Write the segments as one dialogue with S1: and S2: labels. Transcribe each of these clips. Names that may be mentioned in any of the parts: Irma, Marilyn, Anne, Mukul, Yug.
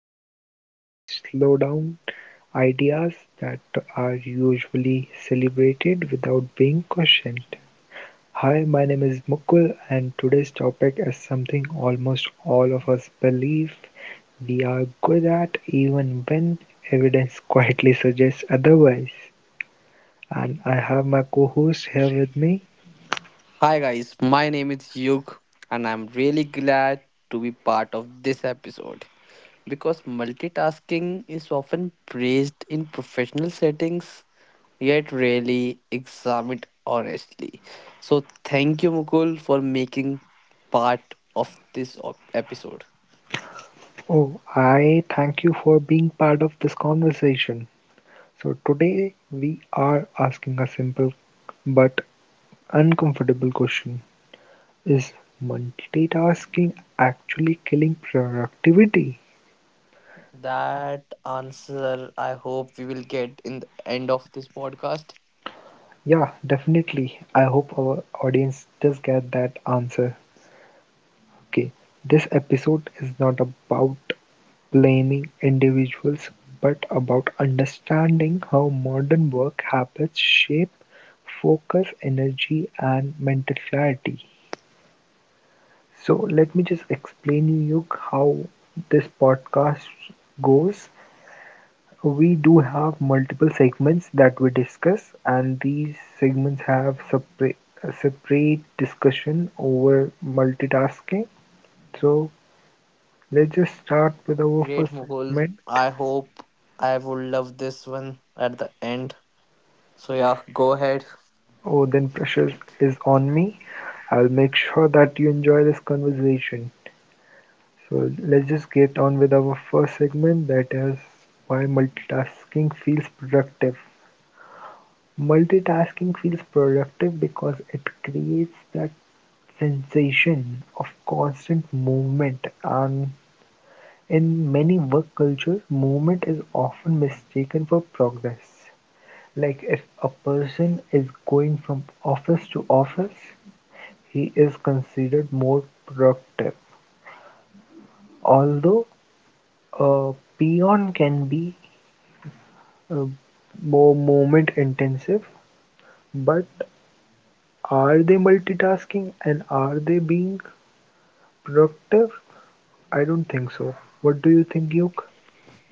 S1: podcast where we slow down ideas that are usually celebrated without being questioned. Hi, my name is Mukul, and today's topic is something almost all of us believe we are good at, even when evidence quietly suggests otherwise. And I have my co host here with me.
S2: Hi guys, my name is Yug and I'm really glad to be part of this episode because multitasking is often praised in professional settings yet rarely examined honestly. So thank you Mukul for making part of this episode.
S1: Oh, I thank you for being part of this conversation. So today we are asking a simple but uncomfortable question. Is multitasking actually killing productivity?
S2: That answer I hope we will get in the end of this podcast.
S1: Yeah, definitely. I hope our audience does get that answer. Okay, this episode is not about blaming individuals but about understanding how modern work habits shape focus, energy, and mental clarity. So let me just explain you how this podcast goes. We do have multiple segments that we discuss, and these segments have separate discussion over multitasking. So let's just start with our
S2: Great
S1: first
S2: Mukul.
S1: segment.
S2: I hope I would love this one at the end. So yeah, go ahead.
S1: Oh, then pressure is on me. I'll make sure that you enjoy this conversation. So let's just get on with our first segment, that is why multitasking feels productive. Multitasking feels productive because it creates that sensation of constant movement, and in many work cultures, movement is often mistaken for progress. Like if a person is going from office to office, he is considered more productive. Although a peon can be uh, more movement intensive, but are they multitasking and are they being productive? I don't think so. What do you think, Yoke?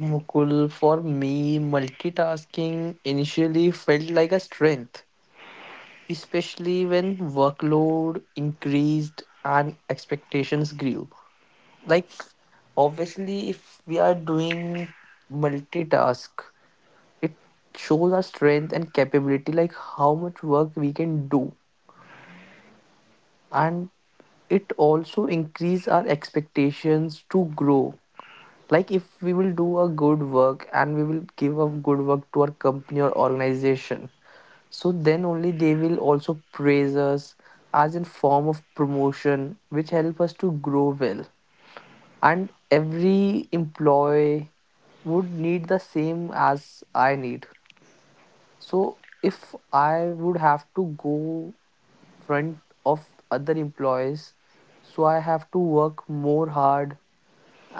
S2: Mukul, for me, multitasking initially felt like a strength, especially when workload increased and expectations grew. Like, obviously, if we are doing multitask, it shows our strength and capability, like how much work we can do. And it also increase our expectations to grow, like if we will do a good work and we will give a good work to our company or organization, so then only they will also praise us as in form of promotion which help us to grow well. And every employee would need the same as I need. So if I would have to go front of other employees, so I have to work more hard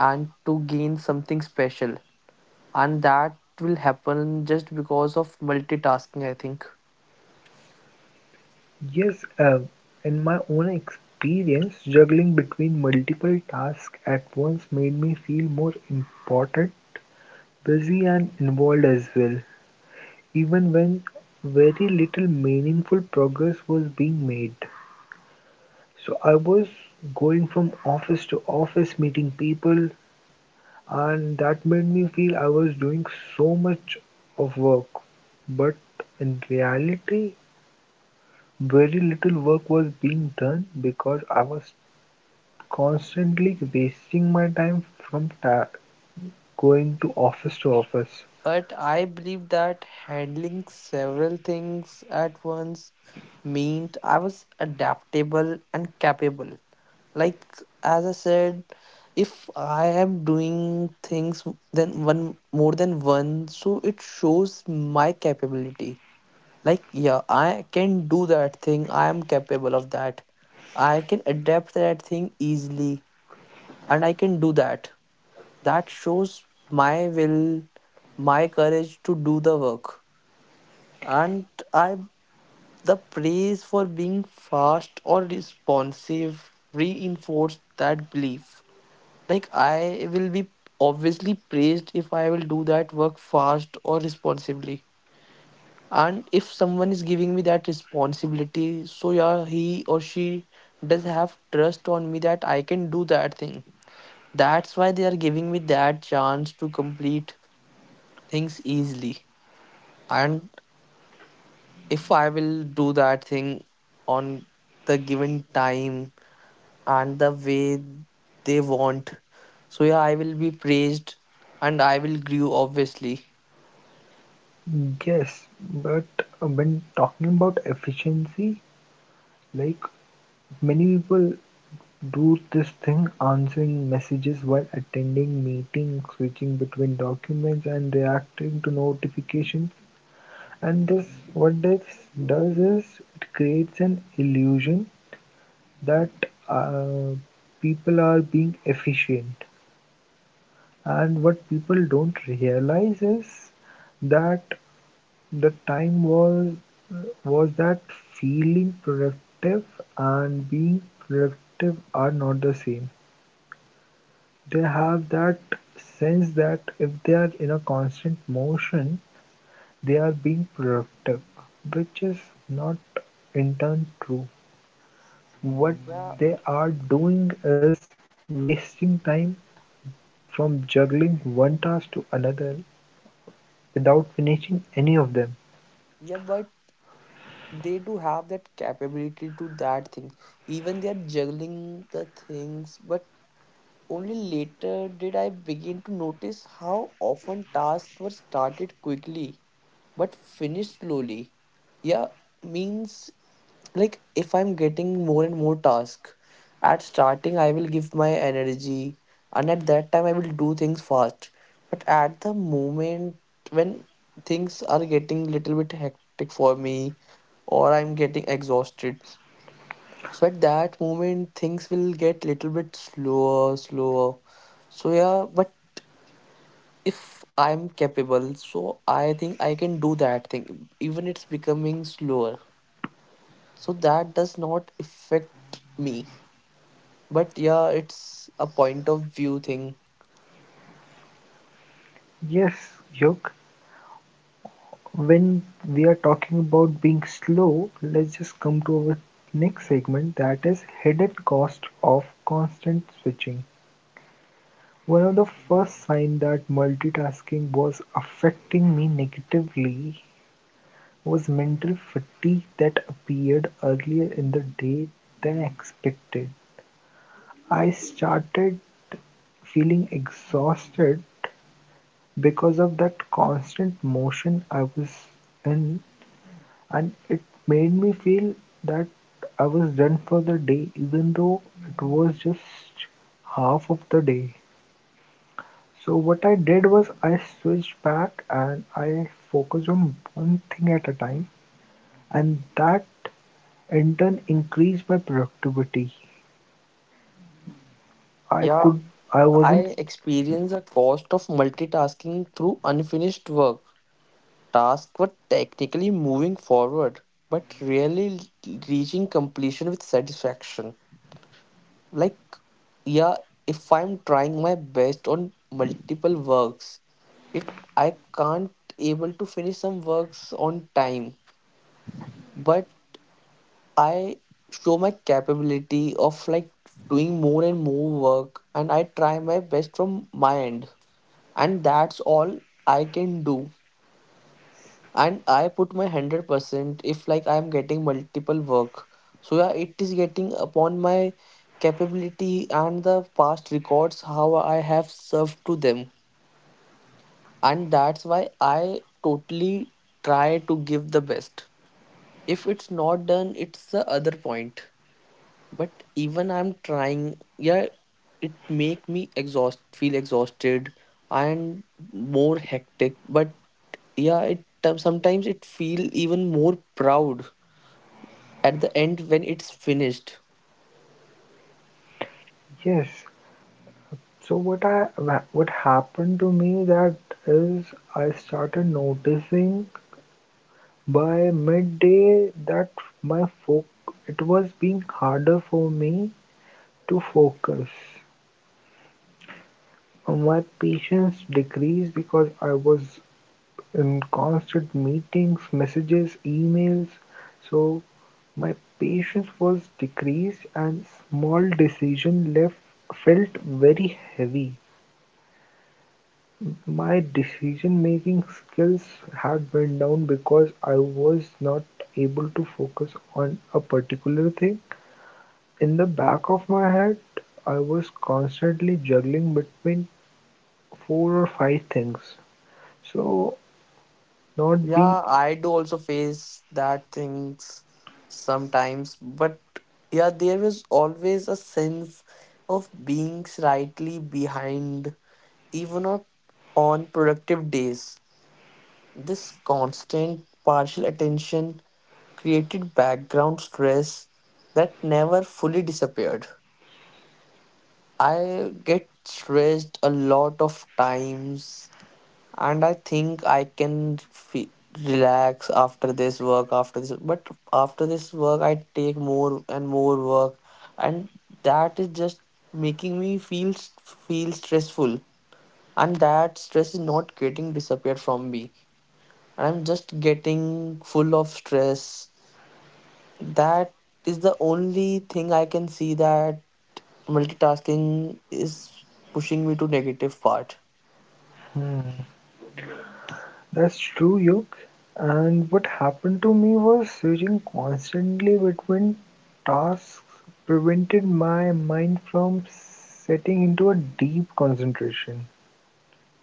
S2: and to gain something special, and that will happen just because of multitasking I think.
S1: Yes, in my own experience, juggling between multiple tasks at once made me feel more important, busy, and involved as well, even when very little meaningful progress was being made. So I was going from office to office, meeting people, and that made me feel I was doing so much of work. But in reality, very little work was being done because I was constantly wasting my time from ta- going to office to office.
S2: But I believe that handling several things at once meant I was adaptable and capable. Like as I said, if I am doing things then one more than one, so it shows my capability. Like yeah, I can do that thing, I am capable of that, I can adapt that thing easily and I can do that. That shows my will, my courage to do the work. And I the praise for being fast or responsive reinforced that belief. Like I will be obviously praised if I will do that work fast or responsively. And if someone is giving me that responsibility, so yeah, he or she does have trust on me that I can do that thing. That's why they are giving me that chance to complete things easily. And if I will do that thing on the given time and the way they want, so yeah, I will be praised and I will grow obviously.
S1: Yes, but when talking about efficiency, like many people do this thing, answering messages while attending meetings, switching between documents, and reacting to notifications. And this, what this does is, it creates an illusion that uh, people are being efficient. And what people don't realize is that the time was that feeling productive and being productive are not the same. They have that sense that if they are in a constant motion, they are being productive, which is not in turn true. What
S2: Yeah,
S1: they are doing is wasting time, from juggling one task to another without finishing any of them.
S2: yeah, but they do have that capability to that thing even they are juggling the things. But only later did I begin to notice how often tasks were started quickly but finished slowly. Yeah, means like if I'm getting more and more task, at starting I will give my energy and at that time I will do things fast. But at the moment when things are getting little bit hectic for me or I'm getting exhausted, so at that moment things will get little bit slower slower. So yeah, but if I'm capable, so I think I can do that thing even it's becoming slower, so that does not affect me. But yeah, it's a point of view thing.
S1: Yes, Hyuk, when we are talking about being slow, let's just come to our next segment, that is hidden cost of constant switching. One of the first signs that multitasking was affecting me negatively was mental fatigue that appeared earlier in the day than expected. I started feeling exhausted because of that constant motion I was in, and it made me feel that I was done for the day even though it was just half of the day. So what I did was I switched back and I focused on one thing at a time, and that in turn increased my productivity. I
S2: Yeah,
S1: could I wasn't
S2: I experience the cost of multitasking through unfinished work. Tasks were technically moving forward, but rarely reaching completion with satisfaction. Like, yeah, if I'm trying my best on multiple works, it I can't able to finish some works on time. But I show my capability of, like, doing more and more work and I try my best from my end, and that's all I can do. And I put my 100% if like I am getting multiple work, so yeah it is getting upon my capability and the past records how I have served to them. And that's why I totally try to give the best. If it's not done, it's the other point, but even I'm trying, yeah, it make me exhaust feel exhausted and more hectic. But yeah, it sometimes it feel even more proud at the end when it's finished.
S1: yes. So what happened to me that is I started noticing by midday that my foc it was being harder for me to focus. My patience decreased because I was in constant meetings, messages, emails. So my patience was decreased and small decision left felt very heavy. My decision making skills had went down because I was not able to focus on a particular thing. In the back of my head, I was constantly juggling between four or five things. So, not
S2: Yeah,
S1: being.
S2: I do also face that things sometimes. But yeah, there was always a sense of being slightly behind even on productive days. This constant partial attention created background stress that never fully disappeared. I get stressed a lot of times, and I think I can fe relax after this work, after this. But after this work, I take more and more work, and that is just making me feel stressful. And that stress is not getting disappeared from me. And I'm just getting full of stress. That is the only thing I can see, that multitasking is pushing me to negative part.
S1: Hmm, that's true, Yuk. And what happened to me was switching constantly between tasks prevented my mind from setting into a deep concentration.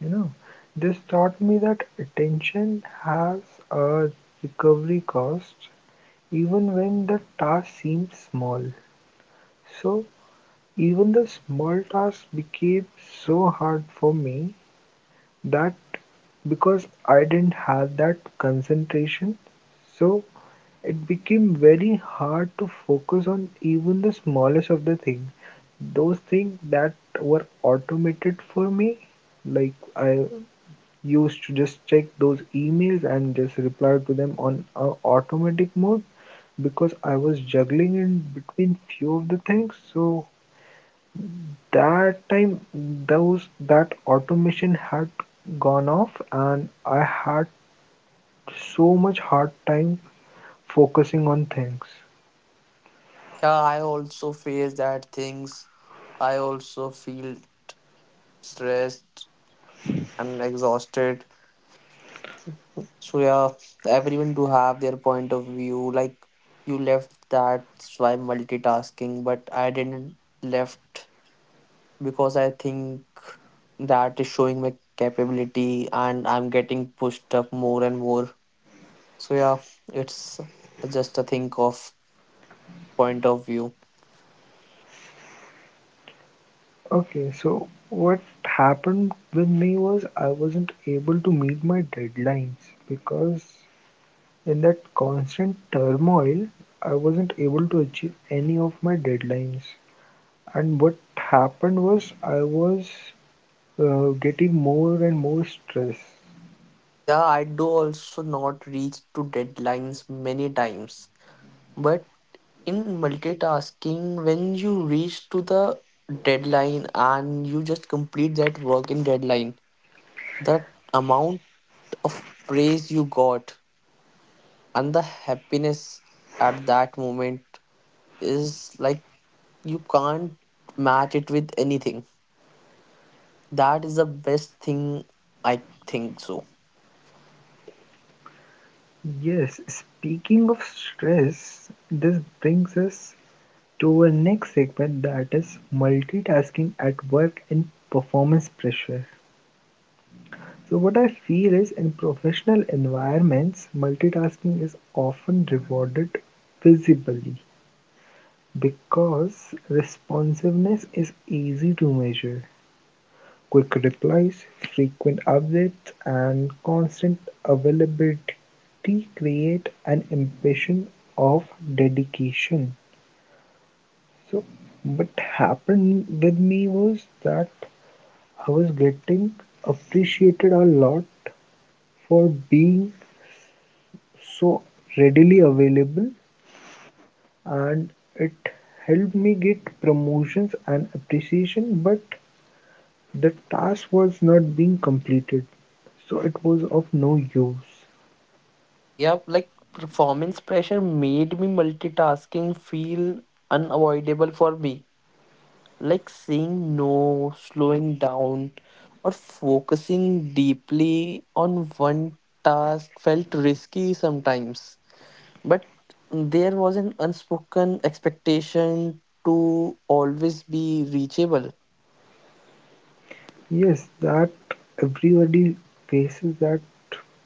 S1: You know, this taught me that attention has a recovery cost even when the task seems small. So even the small tasks became so hard for me that, because I didn't have that concentration, so it became very hard to focus on even the smallest of the things. Those things that were automated for me, like I used to just check those emails and just reply to them on a automatic mode, because I was juggling in between few of the things, so that time those that automation had gone off and I had so much hard time focusing on things.
S2: Yeah, I also face that things. I also feel stressed and exhausted. So yeah, everyone do have their point of view. Like, you left that's why multitasking, but I didn't left because I think that is showing my capability and I'm getting pushed up more and more. So yeah, it's just a thing of point of view.
S1: Okay, so what happened with me was I wasn't able to meet my deadlines because in that constant turmoil, I wasn't able to achieve any of my deadlines. And what happened was I was getting more and more stress.
S2: Yeah, I do also not reach to deadlines many times. But in multitasking, when you reach to the deadline and you just complete that work in deadline, that amount of praise you got and the happiness at that moment is like you can't match it with anything. That is the best thing I think so.
S1: Yes, speaking of stress, this brings us to our next segment, that is multitasking at work and performance pressure. So, what I feel is in professional environments, multitasking is often rewarded visibly because responsiveness is easy to measure. Quick replies, frequent updates, and constant availability create an impression of dedication. So, what happened with me was that I was getting appreciated a lot for being so readily available, and it helped me get promotions and appreciation, but the task was not being completed, so it was of no use.
S2: Yeah, like performance pressure made me multitasking feel unavoidable for me. Like saying no, slowing down, or focusing deeply on one task felt risky sometimes. But there was an unspoken expectation to always be reachable.
S1: Yes, that everybody faces that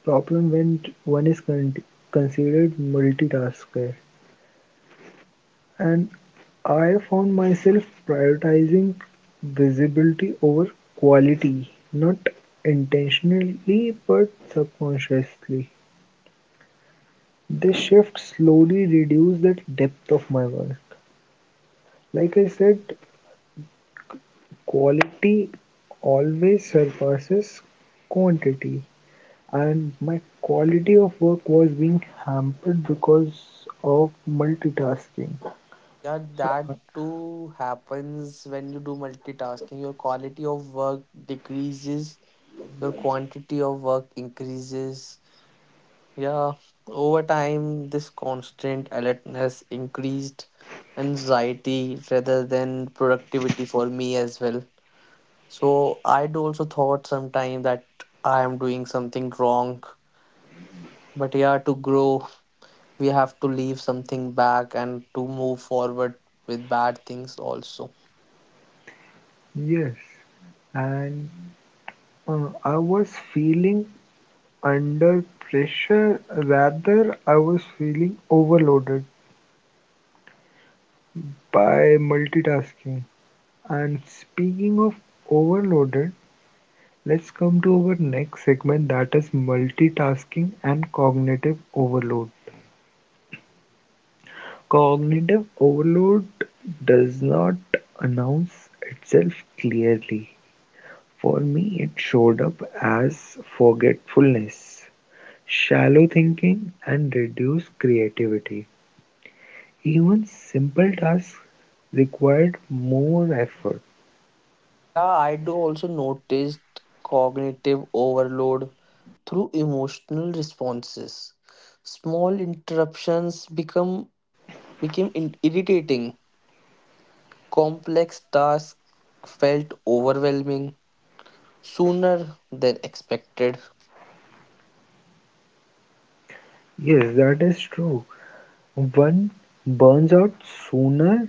S1: problem when one is considered multitasker. And I found myself prioritizing visibility over quality, not intentionally but subconsciously. This shift slowly reduced that depth of my work. Like I said, quality always surpasses quantity. And my quality of work was being hampered because of multitasking.
S2: Yeah,
S1: So,
S2: that too happens when you do multitasking. Your quality of work decreases, your quantity of work increases. Yeah, over time, this constant alertness increased anxiety rather than productivity for me as well. So I do also thought sometime that I am doing something wrong. But yeah, to grow, we have to leave something back and to move forward with bad things also.
S1: yes, and I was feeling under pressure, rather, I was feeling overloaded by multitasking. And speaking of overloaded, let's come to our next segment, that is multitasking and cognitive overload. Cognitive overload does not announce itself clearly; for me it showed up as forgetfulness, shallow thinking and reduced creativity. Even simple tasks required more effort.
S2: Yeah, I do also noticed cognitive overload through emotional responses. Small interruptions become became in- irritating. Complex tasks felt overwhelming sooner than expected.
S1: Yes, that is true. One burns out sooner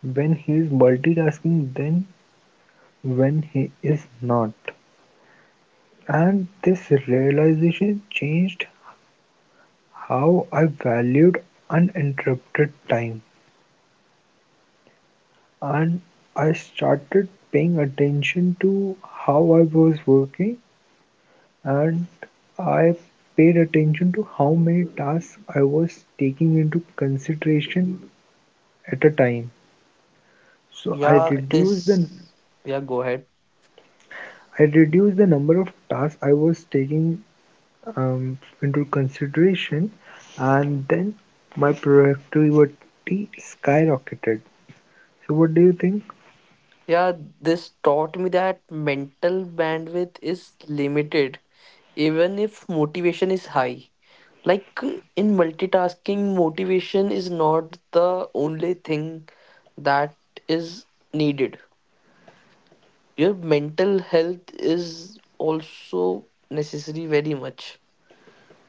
S1: when he is multitasking than when he is not. And this realization changed how I valued uninterrupted time, and I started paying attention to how I was working, and I paid attention to how many tasks I was taking into consideration at a time. So
S2: Yeah,
S1: I
S2: Yeah, I
S1: reduced
S2: this.
S1: the
S2: Yeah, go ahead.
S1: I reduced the number of tasks I was taking into consideration, and then my productivity skyrocketed. So what do you think?
S2: Yeah, this taught me that mental bandwidth is limited, even if motivation is high. Like in multitasking, motivation is not the only thing that is needed. Your mental health is also necessary very much.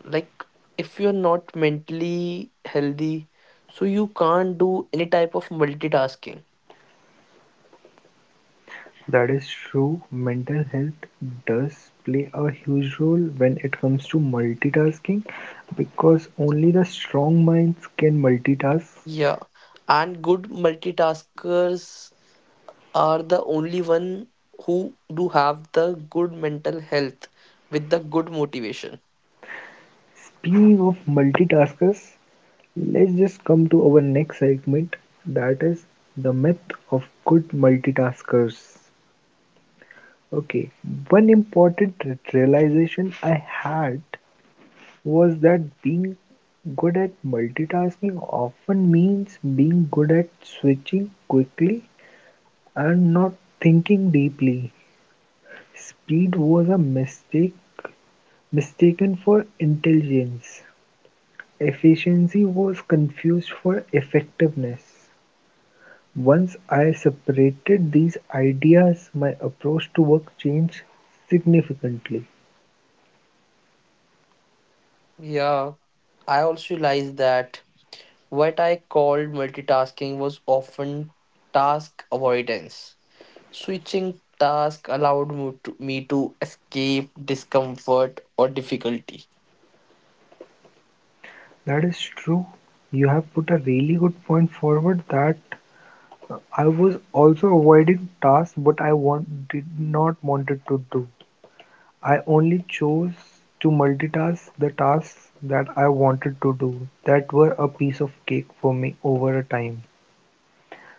S2: Like if you're not mentally healthy, so you can't do any type of multitasking.
S1: That is true, mental health does play a huge role when it comes to multitasking because only the strong minds can multitask.
S2: Yeah. And good multitaskers are the only one who do have the good mental health with the good motivation.
S1: Speaking of multitaskers, let's just come to our next segment, that is the myth of good multitaskers. Okay, one important realization I had was that being good at multitasking often means being good at switching quickly and not thinking deeply. Speed was a mistake mistaken for intelligence. Efficiency was confused for effectiveness. Once I separated these ideas, my approach to work changed significantly.
S2: Yeah. I also realized that what I called multitasking was often task avoidance. Switching task allowed me to escape discomfort or difficulty.
S1: That is true. You have put a really good point forward that I was also avoiding tasks but did not wanted to do. I only chose to multitask the tasks that I wanted to do that were a piece of cake for me over a time.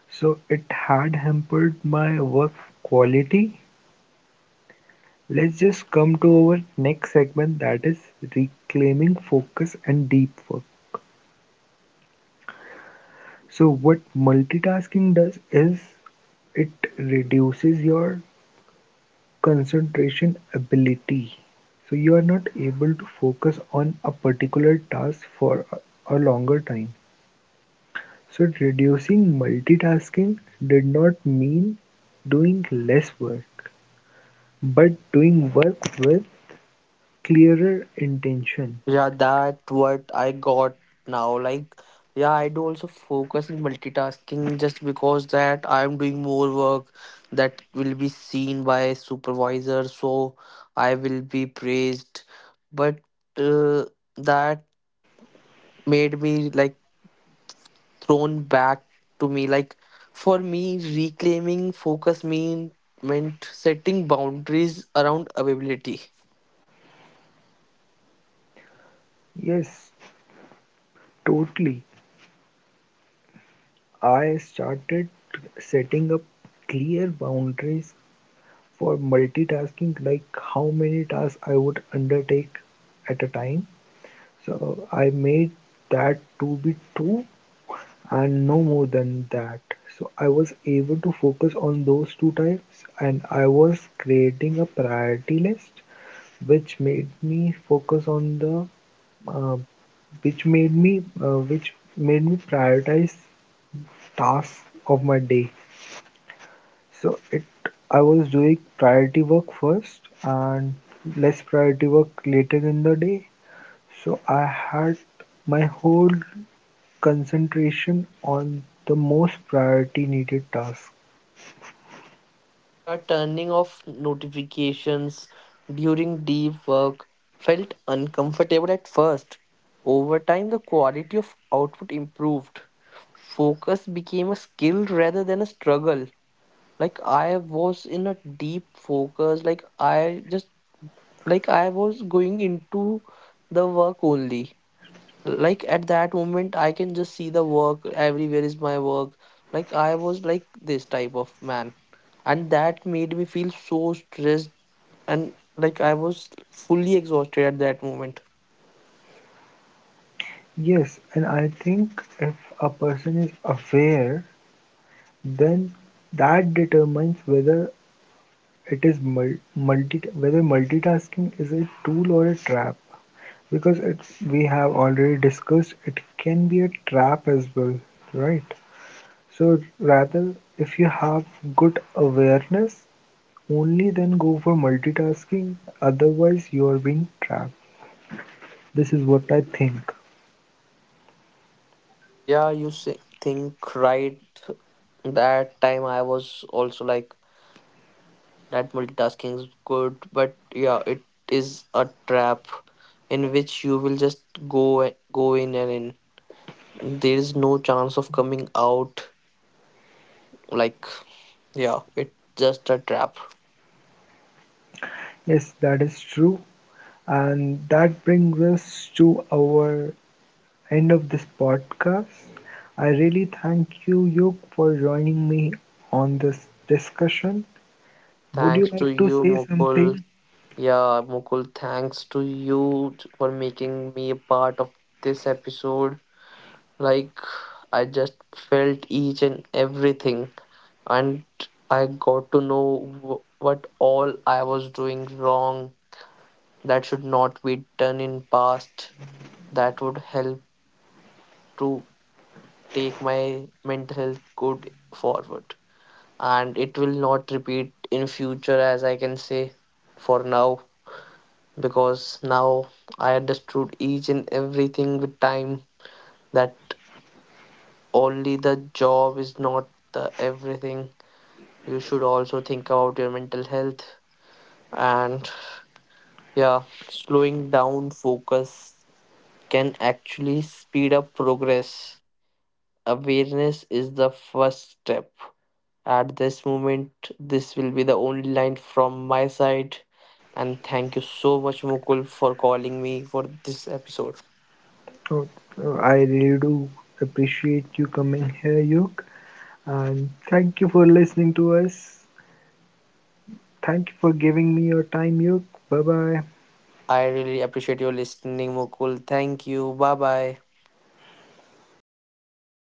S1: So it had hampered my work quality. Let's just come to our next segment, that is reclaiming focus and deep work. So what multitasking does is it reduces your concentration ability. So you are not able to focus on a particular task for a longer time. So reducing multitasking did not mean doing less work, but doing work with clearer intention.
S2: Yeah, that what I got now. Like, yeah, I do also focus in multitasking just because that I'm doing more work that will be seen by supervisor, so I will be praised. But uh, that made me like thrown back to me. Like for me, reclaiming focus meant setting boundaries around availability.
S1: Yes, totally. I started setting up clear boundaries for multitasking, like how many tasks I would undertake at a time. So I made that to be two and no more than that. So I was able to focus on those two types and I was creating a priority list which made me focus on the uh, which made me prioritize tasks of my day. So it I was doing priority work first and less priority work later in the day. So I had my whole concentration on the most priority needed task.
S2: Yeah, turning off notifications during deep work felt uncomfortable at first. Over time, the quality of output improved. Focus became a skill rather than a struggle. Like I was in a deep focus, like I just, like I was going into the work only. Like at that moment I can just see the work, everywhere is my work. Like I was like this type of man, and that made me feel so stressed, and like I was fully exhausted at that moment.
S1: Yes, and I think if a person is aware, then that determines whether it is mul- multi whether multitasking is a tool or a trap. Because it's we have already discussed, it can be a trap as well, right? So rather, if you have good awareness, only then go for multitasking. Otherwise, you are being trapped. This is what I think.
S2: Yeah, you say, think right, that time I was also like that multitasking is good. But yeah, it is a trap in which you will just go in and in. There is no chance of coming out, like, yeah, it's just a trap.
S1: Yes, that is true. And that brings us to our end of this podcast. I really thank you, Yuk, for joining me on this discussion. Would you
S2: Thanks
S1: like
S2: to
S1: to
S2: you,
S1: say something?
S2: Mukul. Yeah, Mukul, thanks to you for making me a part of this episode. Like, I just felt each and everything, and I got to know what all I was doing wrong that should not be done in past. That would help to take my mental health good forward. And it will not repeat in future, as I can say for now, because now I understood each and everything with time, that only the job is not the everything, you should also think about your mental health. And yeah, slowing down focus can actually speed up progress. Awareness is the first step. At this moment, this will be the only line from my side. And thank you so much, Mukul, for calling me for this episode.
S1: Oh, I really do appreciate you coming here, Yuk. And thank you for listening to us. Thank you for giving me your time, Yuk. Bye bye.
S2: I really appreciate your listening, Mukul. Thank you. Bye bye.